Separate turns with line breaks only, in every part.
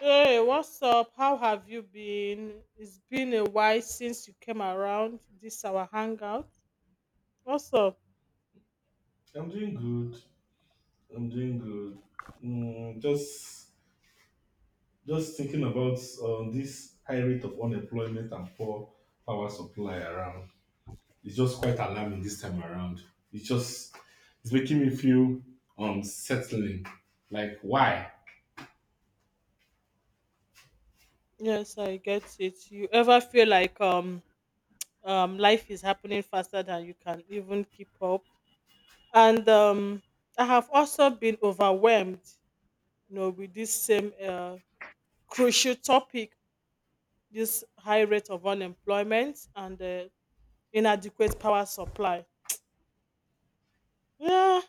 Hey, what's up? How have you been? It's been a while since you came around this our hangout. What's up?
I'm doing good. I'm doing good. Mm, just just thinking about this high rate of unemployment and poor power supply around. It's just quite alarming this time around. It's just it's making me feel unsettling. Like why?
Yes, I get it. You ever feel like life is happening faster than you can even keep up? And I have also been overwhelmed, you know, with this same crucial topic, this high rate of unemployment and inadequate power supply. Yeah,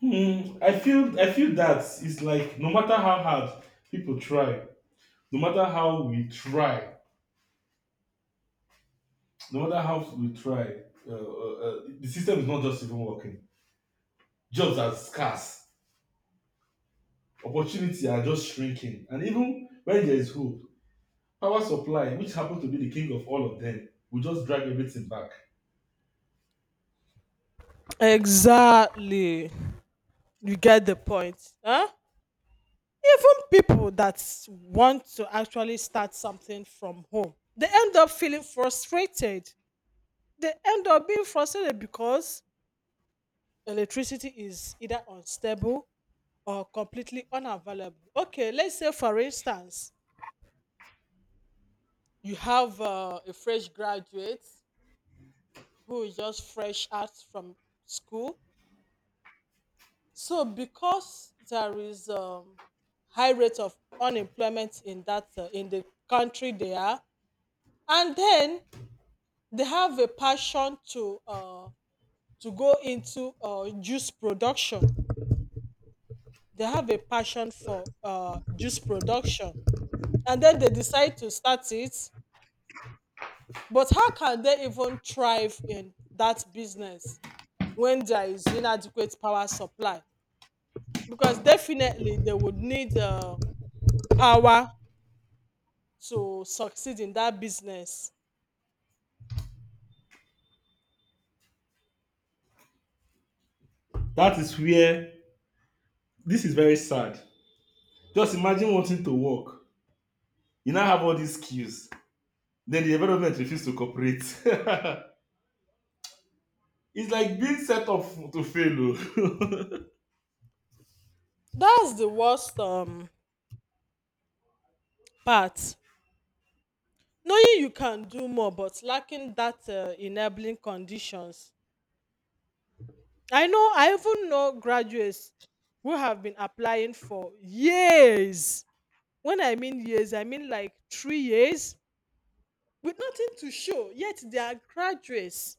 I feel that it's like no matter how hard people try, no matter how we try, no matter how we try, the system is not just even working. Jobs are scarce. Opportunity are just shrinking. And even when there is hope, power supply, which happened to be the king of all of them, will just drag everything back.
exactly. You get the point. Huh? Even people that want to actually start something from home, they end up feeling frustrated. They end up being frustrated because electricity is either unstable or completely unavailable. Okay, let's say, for instance, you have a fresh graduate who is just fresh out from school. So, because there is high rate of unemployment in that in the country they are, and then they have a passion to go into juice production. They have a passion for juice production, and then they decide to start it. But how can they even thrive in that business when there is inadequate power supply? Because definitely they would need power to succeed in that business.
That is where This is very sad. Just imagine wanting to work. You now have all these skills. Then the development refuse to cooperate. It's like being set up to fail. Oh.
That's the worst part. Knowing you can do more but lacking that enabling conditions. I know, I even know graduates who have been applying for years. When I mean years, I mean like 3 years with nothing to show. Yet they are graduates,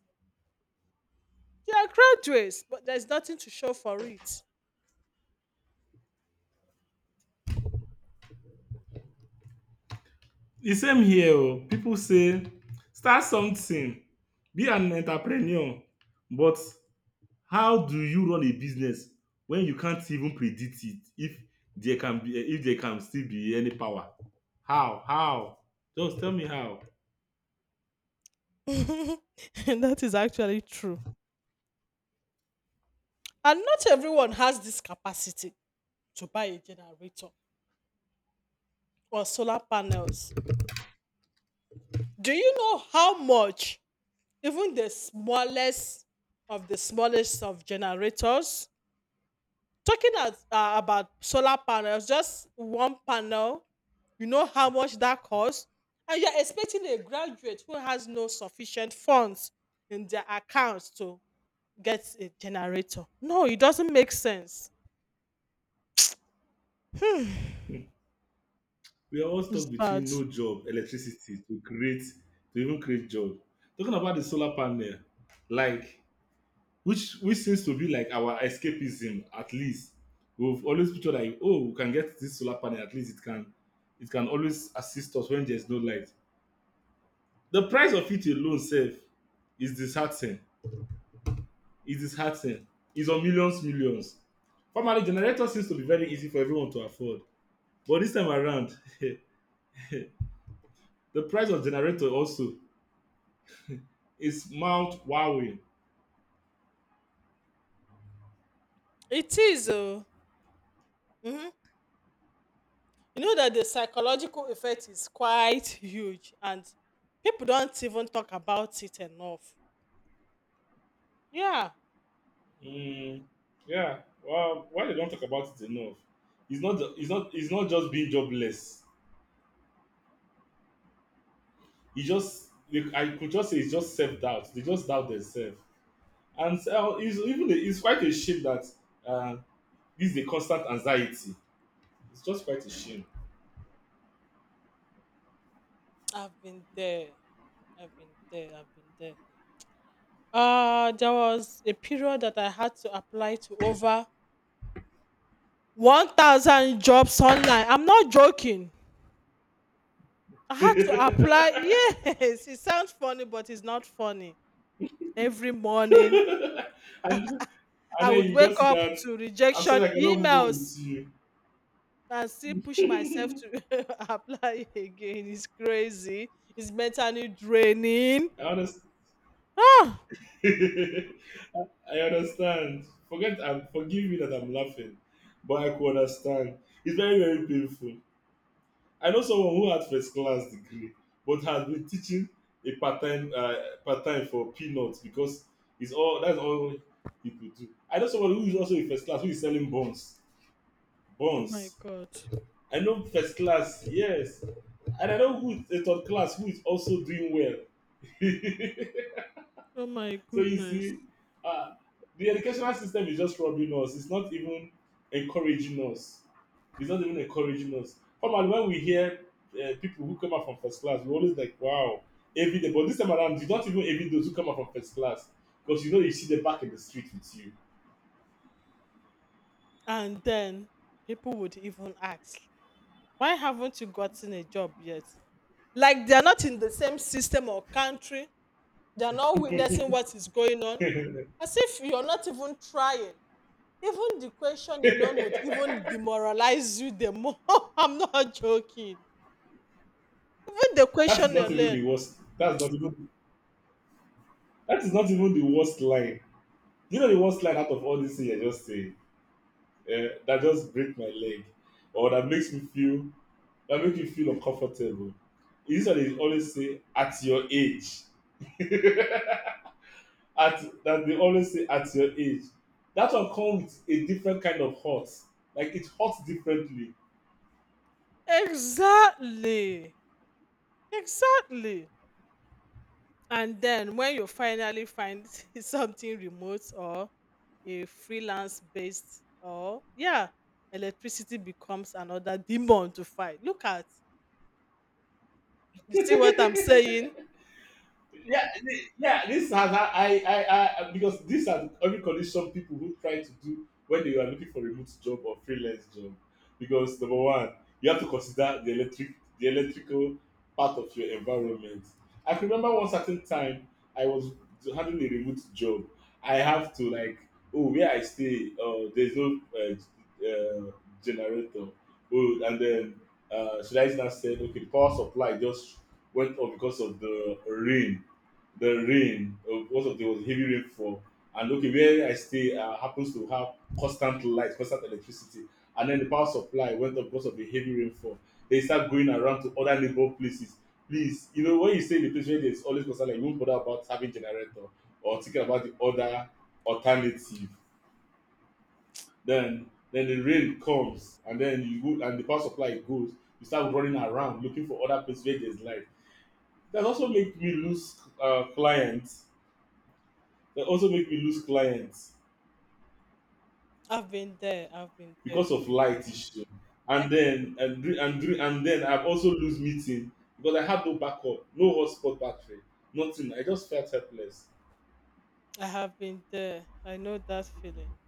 but there's nothing to show for it.
The same here. Oh. People say start something, be an entrepreneur, but how do you run a business when you can't even predict it if there can still be any power? How? How? Just tell me how.
And that is actually true, and not everyone has this capacity to buy a generator or solar panels. Do you know how much even the smallest of generators? Talking at, about solar panels, just one panel, you know how much that costs, and you're expecting a graduate who has no sufficient funds in their accounts to get a generator. No, it doesn't make sense. Hmm,
We are all stuck
it's bad.
between no job, electricity to create to even create job. Talking about the solar panel, like which seems to be like our escapism at least. We've always pictured like, oh, we can get this solar panel. At least it can always assist us when there's no light. The price of it alone self is disheartening, is disheartening. It's on millions, millions. Formerly, generator seems to be very easy for everyone to afford. But this time around, the price of generator also is Mount Huawei.
It is. Mhm. You know that the psychological effect is quite huge, and people don't even talk about it enough. Yeah,
Mm, yeah, well, why they don't talk about it enough? It's not. It's not. It's not just being jobless. I could just say it's just self doubt. They just doubt themselves, and so it's quite a shame that uh, this is a constant anxiety. It's just quite a shame.
I've been there. I've been there. I've been there. There was a period that I had to apply to over 1,000 jobs online. I'm not joking. I had to apply. Yes, it sounds funny, but it's not funny. Every morning,
and,
I
and then
would
you
wake
just see
up
that,
to
I'm
rejection
sorry, I cannot move on
emails
with you.
and still push myself to apply again. It's crazy. It's mentally draining.
I understand.
Ah,
I understand. Forgive me that I'm laughing, but I could understand. It's very, very painful. I know someone who had first class degree, but has been teaching a part time for peanuts because it's all that's all he could do. I know someone who is also in first class who is selling buns,
oh my
buns.
god.
I know first class, yes. And I know who is a third class who is also doing well.
Oh my
So you
goodness.
see, uh, the educational system is just robbing us. It's not even encouraging us. It's not even encouraging us. Come on, when we hear people who come out from first class, we're always like, wow, every day. But this time around, you don't even envy those who come out from first class, because you know you see them back in the street with you.
And then people would even ask, why haven't you gotten a job yet? Like they're not in the same system or country, they're not witnessing what is going on. As if you're not even trying. Even the question alone would even demoralize you the more. I'm not joking. Even the
That's
question
not even
alone.
the worst. That's not even. That is not even the worst line. You know the worst line out of all this thing I just said. That just break my leg, or that makes me feel that make me feel uncomfortable. Is this why they always say, at your age, at that, they always say, at your age? That one come with a different kind of hurt, like it hurt differently.
Exactly. Exactly. And then when you finally find something remote or a freelance based or yeah, electricity becomes another demon to fight. Look at, you see what I'm saying?
Yeah, yeah. This has I because these are the every condition people who try to do when they are looking for a remote job or freelance job. Because number one, you have to consider the electrical part of your environment. I can remember one certain time I was having a remote job. I have to like, oh, where I stay, oh there's no generator. Oh, and then should I now said, okay, the power supply just went off because of the rain most of There was heavy rainfall, and okay where I stay happens to have constant light, constant electricity, and then the power supply went up because of the heavy rainfall. They start going around to other neighbor places. Please, you know when you stay in a place where there's always constant light, you won't bother about having generator or thinking about the other alternative. Then the rain comes, and then you go and the power supply goes. You start running around looking for other places where there's light. That also make me lose clients. They also make me lose clients
I've been there. I've been there.
because of light issue. And then and dri- and dri- and then I've also lose meeting because I had no backup, no hotspot battery, nothing. I just felt helpless.
I have been there. I know that feeling.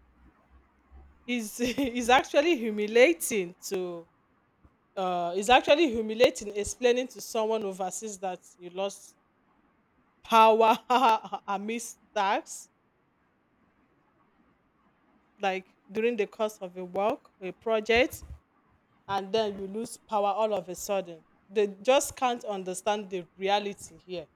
Is is actually humiliating to is actually humiliating explaining to someone overseas that you lost power amidst tax, like during the course of a work, a project, and then you lose power all of a sudden. They just can't understand the reality here.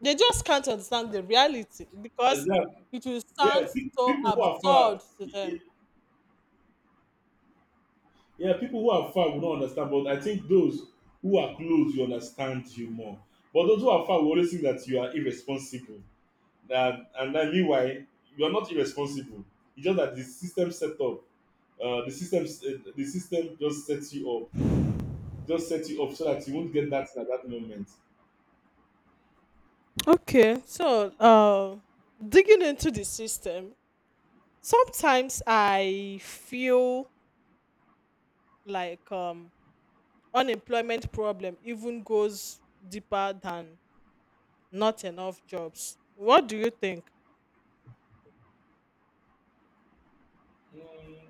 They just can't understand the reality
And
because
yeah,
it will sound
yeah,
so
people who are far,
absurd to them.
yeah, people who are far will not understand. But I think those who are close, you understand you more. But those who are far will always think that you are irresponsible. That And then meanwhile, you are not irresponsible. It's just that the system set up. The system just sets you up, just sets you up so that you won't get that thing at that moment.
Okay, so digging into the system, sometimes I feel like unemployment problem even goes deeper than not enough jobs. What do you think?
Mm,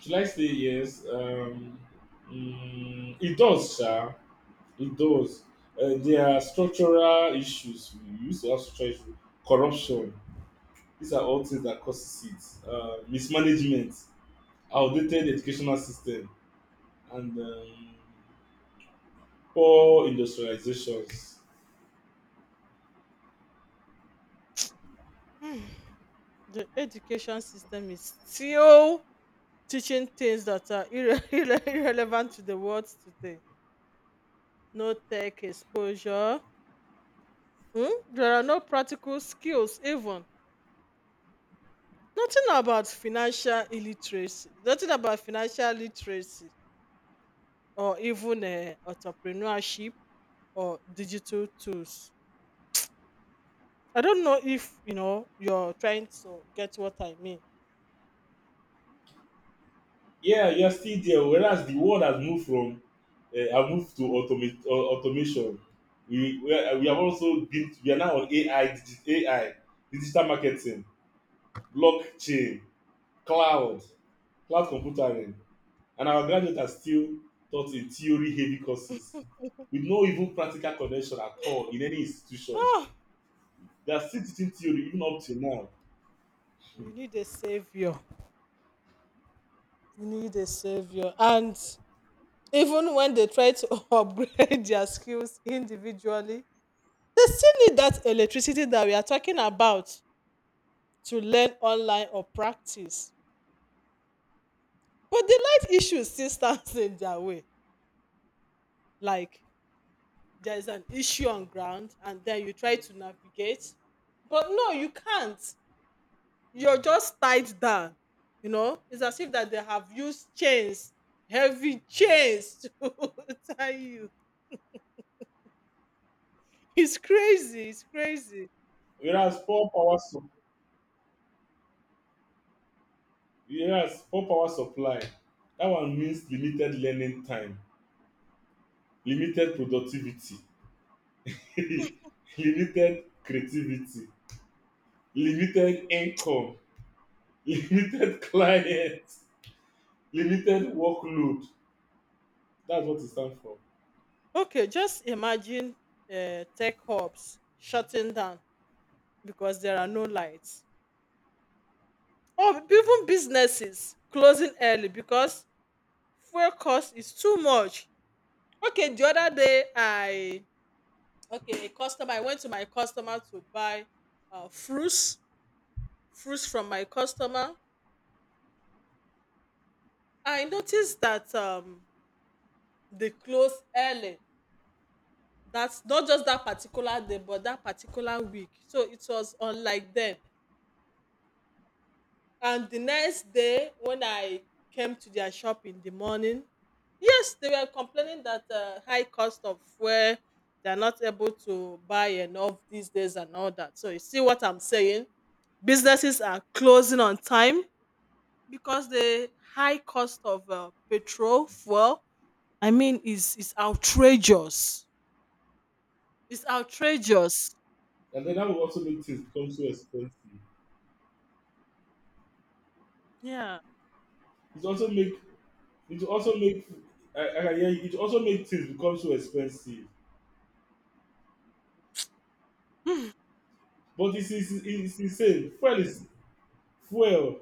should I say yes? It does, sir. It does. There are structural issues. We used to have structural issues. Corruption. These are all things that causes it. Mismanagement, outdated educational system, and poor industrializations.
The education system is still teaching things that are irrelevant to the world today. No tech exposure. Hmm? There are no practical skills, even. Nothing about financial illiteracy. Nothing about financial literacy or even entrepreneurship or digital tools. I don't know if you know you're trying to get what I mean.
Yeah, you're still there. Whereas the world has moved from, have moved to automate, automation. We, are, we have also been we are now on AI, digital marketing, blockchain, cloud, cloud computing, and our graduates are still taught in theory-heavy courses with no even practical connection at all in any institution.
Oh,
They are still teaching theory even up till now.
you need a savior. You need a savior. And even when they try to upgrade their skills individually, they still need that electricity that we are talking about to learn online or practice. But the light issue still stands in their way. Like, there is an issue on ground and then you try to navigate, but no, you can't. You're just tied down. You know, it's as if that they have used chains, heavy chains to tie you. It's crazy, it's crazy.
Whereas poor power, su- Whereas poor power supply, that one means limited learning time, limited productivity, limited creativity, limited income, limited client, limited workload. That's what it stand for.
Okay, just imagine tech hubs shutting down because there are no lights, or even businesses closing early because fuel cost is too much. Okay, the other day I, okay, a customer, I went to my customer to buy uh, fruits fruits from my customer. I noticed that they close early. That's not just that particular day, but that particular week. So it was unlike them. And the next day, when I came to their shop in the morning, yes, they were complaining that high cost of fuel, they're not able to buy enough these days and all that. So you see what I'm saying? Businesses are closing on time because the high cost of petrol fuel. I mean, is outrageous. It's outrageous.
And then that will also make things become so expensive.
Yeah.
It will also make it will also make I can hear you. It will also make things become so expensive. But it's insane. Fuel is, fuel.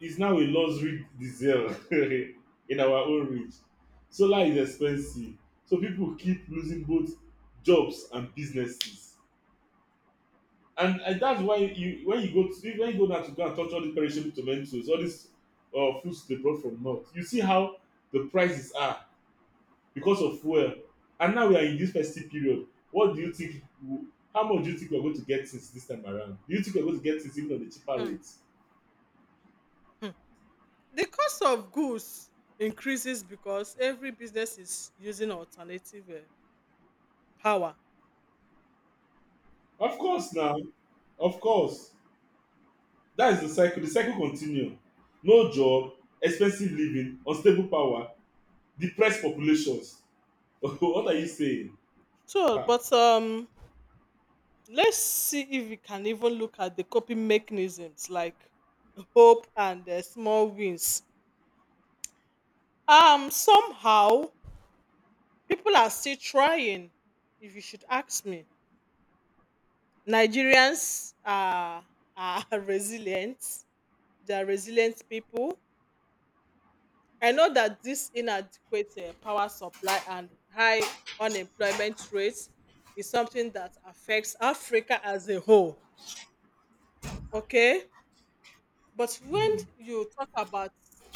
It's now a luxury diesel in our own reach. Solar is expensive, so people keep losing both jobs and businesses. And that's why you when you go to when you go now to go and touch all these perishable tomatoes, all these fruits they brought from north. You see how the prices are because of fuel. And now we are in this festive period. What do you think? How much do you think we're going to get things this time around? Do you think we're going to get things even on the cheaper rates?
The cost of goods increases because every business is using alternative power.
Of course, now, of course. That is the cycle. The cycle continue. No job, expensive living, unstable power, depressed populations. What are you saying?
So,
Ha.
but let's see if we can even look at the coping mechanisms like hope and small wins. Somehow people are still trying. If you should ask me, Nigerians are resilient. They are resilient people. I know that this inadequate power supply and high unemployment rates is something that affects Africa as a whole. Okay? But when you talk about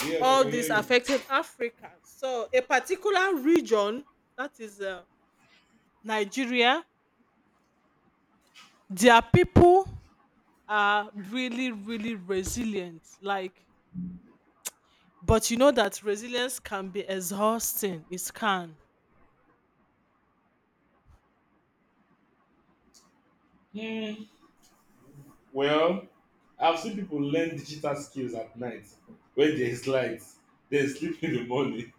Yes, I
all
can
this
hear
affecting Africa, so a particular region, that is Nigeria, their people are really, really resilient. Like, but you know that resilience can be exhausting. It can.
you. Hmm. Well, I've seen people learn digital skills at night when there is light, then sleep in the morning.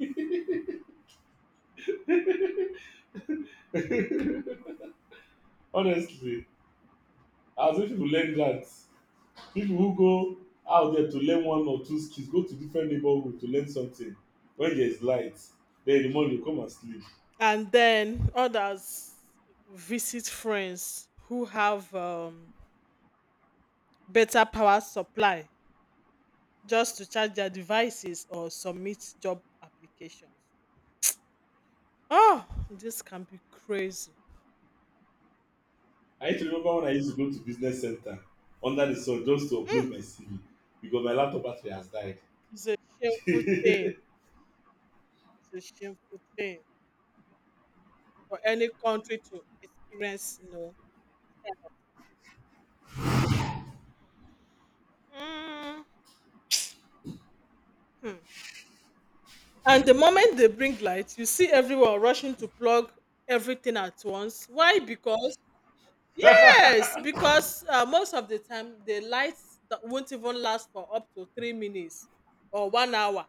Honestly, I've seen people learn that. People who go out there to learn one or two skills, go to different neighborhood to learn something. When there is light, then in the morning you come and sleep.
And then others visit friends who have better power supply just to charge their devices or submit job applications. Oh, this can be crazy.
I used to remember when I used to go to business center under the sun just to
Hmm,
upload my CV because my laptop battery has died.
it's a shameful thing. It's a shameful thing for any country to experience. You know. Mm. Hmm. And the moment they bring light, you see everyone rushing to plug everything at once. Why? Because yes, because most of the time the lights that won't even last for up to 3 minutes or one hour.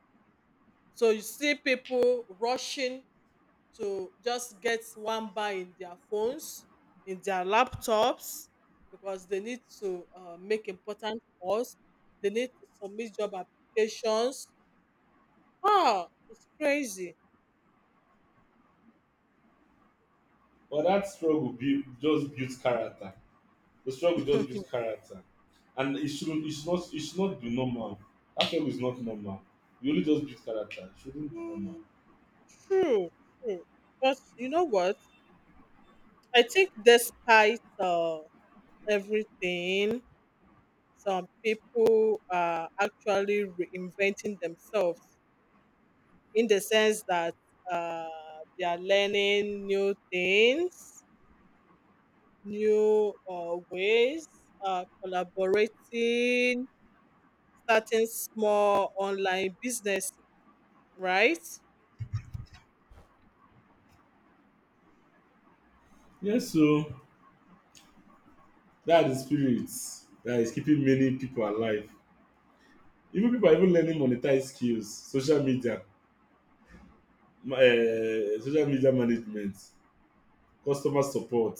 So you see people rushing to just get one bar in their phones, in their laptops, because they need to make important calls. They need to submit job applications. Ah, it's crazy.
But just builds character. The struggle just builds character, and it shouldn't. It's not. It should not be normal. That struggle is not normal. You only just build character. It shouldn't be normal.
Mm, true, true. But you know what? I think despite everything, some people are actually reinventing themselves in the sense that uh, they are learning new things, new ways, collaborating, starting small online businesses, right?
Yes, so that is spirit that is keeping many people alive. Even people are even learning monetize skills, social media management, customer support.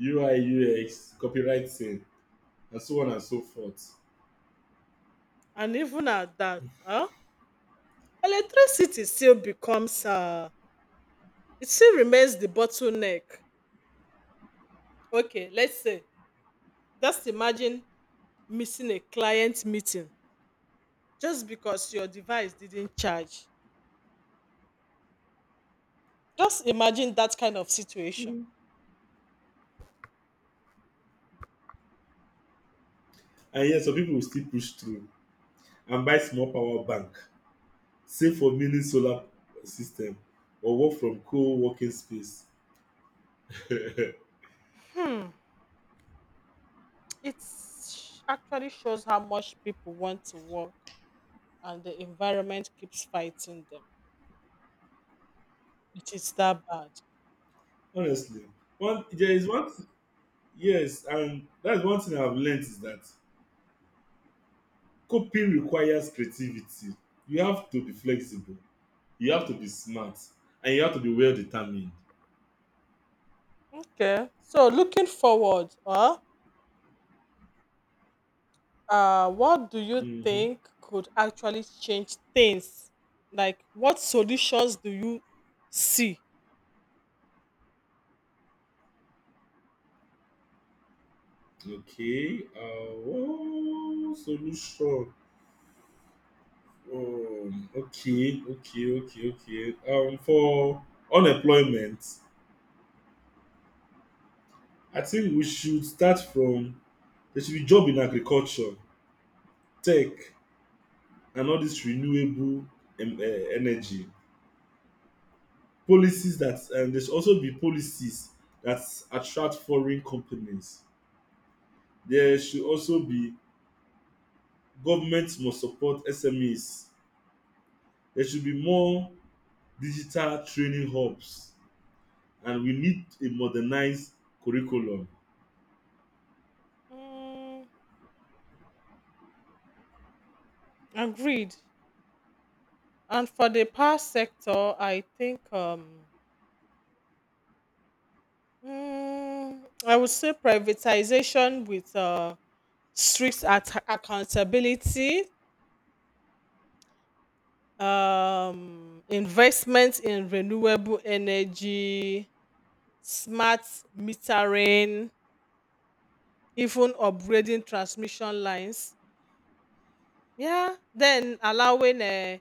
UI, UX, copywriting, and so on and so forth.
And even at that, huh? Electricity still becomes, it still remains the bottleneck. Okay, let's say, just imagine missing a client meeting just because your device didn't charge. Just imagine that kind of situation.
And yes, some people will still push through and buy small power bank, save for mini solar system, or work from co-working space.
Hmm, it actually shows how much people want to work and the environment keeps fighting them. It is that bad.
Honestly, one there is one th- yes, and that's one thing I've learned, is that coping requires creativity. You have to be flexible. You have to be smart, and you have to be well determined.
Okay. So looking forward, what do you
Mm-hmm.
think could actually change things? Like, what solutions do you see?
Okay. Oh, solution. Oh, okay, okay, okay, okay. For unemployment, I think we should start from there should be job in agriculture, tech, and all this renewable um, uh, energy policies. That, and there should also be policies that attract foreign companies. There should also be, government must support SMEs. There should be more digital training hubs, and we need a modernized curriculum.
Mm, agreed. And for the power sector, I think mm, I would say privatization with strict accountability, investment in renewable energy, smart metering, even upgrading transmission lines. Yeah, then allowing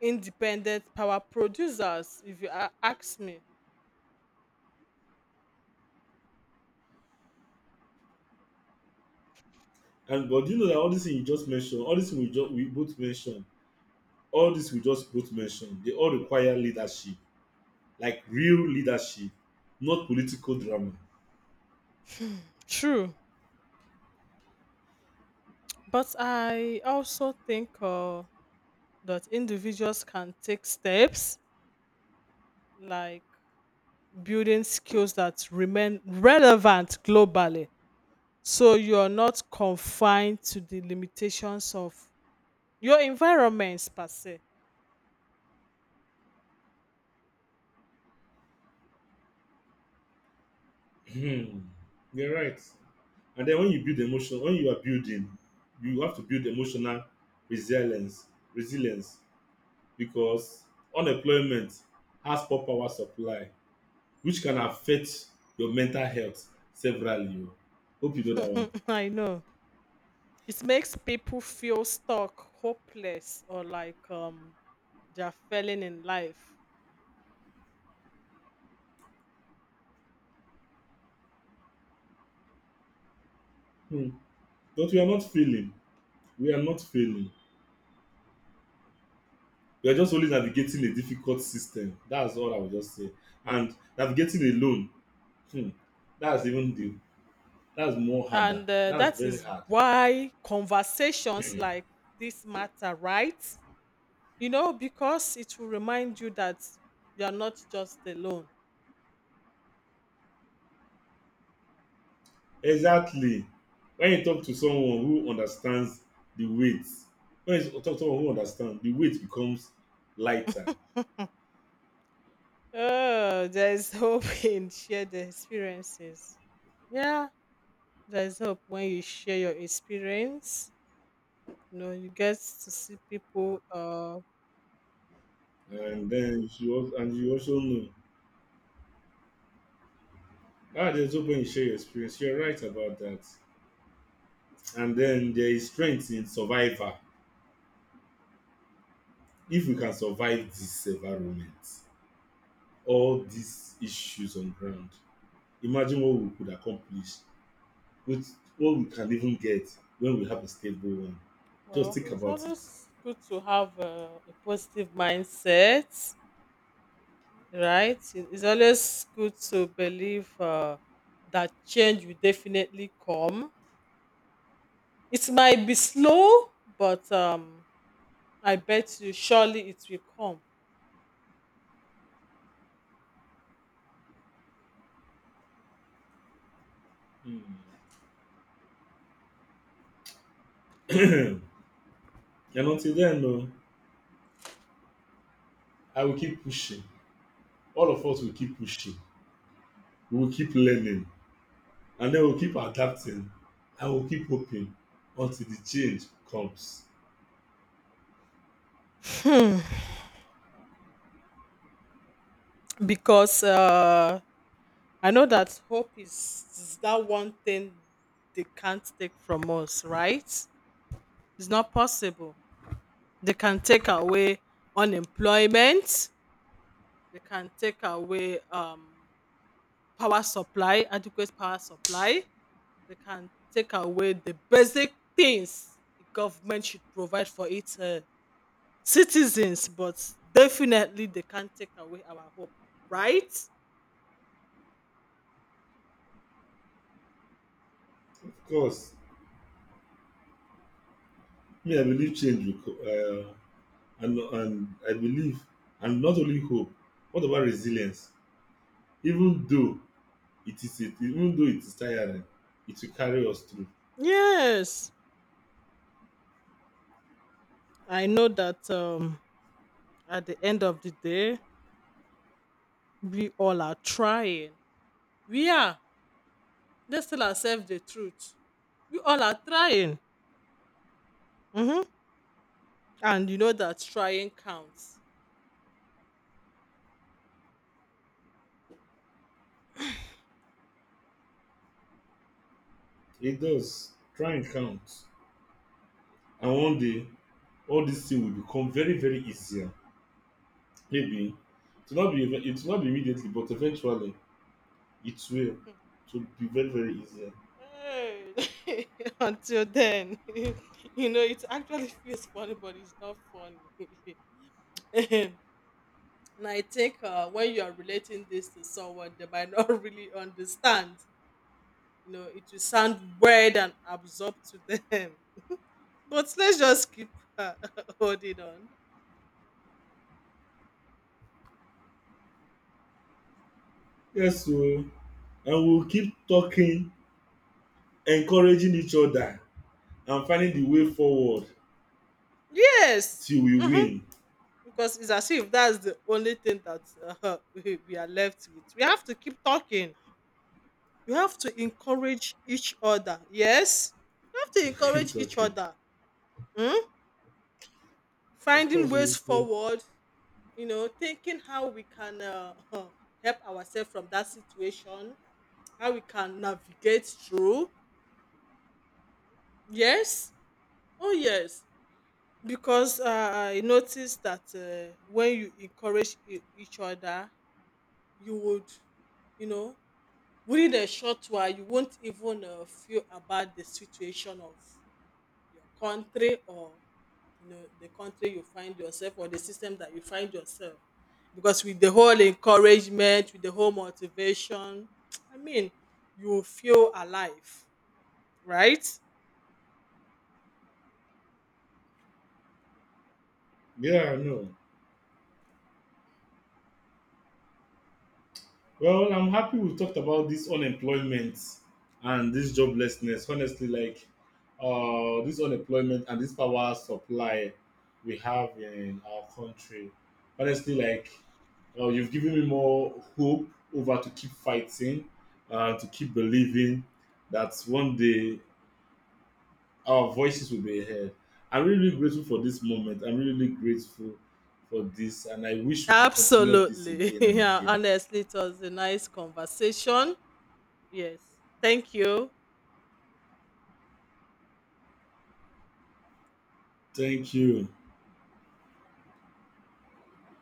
independent power producers, if you ask me.
And but do you know that all these things you just mentioned, all these things we both mentioned, all this we just both mentioned, they all require leadership, like real leadership, not political drama.
True, but I also think that individuals can take steps like building skills that remain relevant globally. So you're not confined to the limitations of your environments per se.
Hmm. You're right. And then when you build emotion, when you are building, you have to build emotional resilience, resilience, because unemployment has poor power supply, which can affect your mental health severally. Oh. Hope you know that one.
I know. It makes people feel stuck, hopeless, or like they're failing in life.
Hmm. But we are not failing. We are not failing. You're just only navigating a difficult system. That's all I would just say. And navigating alone, hmm, that's even the that's more harder.
And
That's
that
very
is
hard.
why conversations like this matter, right? You know, because it will remind you that you are not just alone.
Exactly. When you talk to someone who understands the weight, when you talk to someone who understands, the weight becomes lighter.
Oh, there's hope in shared experiences. Yeah, there's hope when you share your experience. You know, you get to see people.
And then you also, and you also know. There's no point you share your experience. You're right about that. And then there is strength in survivor. If we can survive this environment, all these issues on ground, imagine what we could accomplish with what we can even get when we have a stable one. Just
Well,
think
it's
about
always good to have a positive mindset, right? It- It's always good to believe that change will definitely come. It might be slow, but I bet you surely it will come.
Hmm. it. And until then, no, I will keep pushing. All of us will keep pushing. We will keep learning. And then we'll keep adapting. I will keep hoping until the change comes.
Hmm, because I know that hope is that one thing they can't take from us, right? It's not possible. They can take away unemployment. They can take away power supply, adequate power supply. They can take away the basic things the government should provide for its citizens, but definitely they can't take away our hope, right?
Of course, me, I believe change will come. And I believe, and not only hope, what about resilience? Even though Even though it is tiring, it will carry us through.
Yes, I know that at the end of the day, we all are trying. We are. Let's tell ourselves the truth. We all are trying. Hmm. And you know that trying counts.
It does. Try and count. And one day, all these things will become very, very easier. Maybe it will not be immediately, but eventually it will. It will be very, very easier.
Hey. Until then, you know, it actually feels funny, but it's not funny. And I think when you are relating this to someone, they might not really understand. You know, it will sound weird and absurd to them. But let's just keep uh, holding on.
Yes, so and we'll keep talking, encouraging each other, and finding the way forward
Yes.
till we
Hmm.
win.
Because it's as if that's the only thing that we are left with. We have to keep talking. You have to encourage each other. Yes, you have to
Keep
encourage each
talking.
other. Mm?
Of
Finding
course, we
ways
will win.
forward, you know, thinking how we can help ourselves from that situation, how we can navigate through. Yes, oh, yes. Because I noticed that when you encourage each other, you would, you know, within a short while, you won't even feel about the situation of your country, or you know, the country you find yourself or the system that you find yourself, because with the whole encouragement, with the whole motivation I mean, you feel alive, right?
Yeah, I know. Well, I'm happy we talked about this unemployment and this joblessness. Honestly, like this unemployment and this power supply we have in our country. Honestly, like you've given me more hope over to keep fighting, to keep believing that one day our voices will be heard. I'm really grateful for this moment. I'm really really grateful for this, and I wish we could continue this
Absolutely.
again and
Yeah,
again.
honestly, it was a nice conversation. Yes, thank you.
Thank you.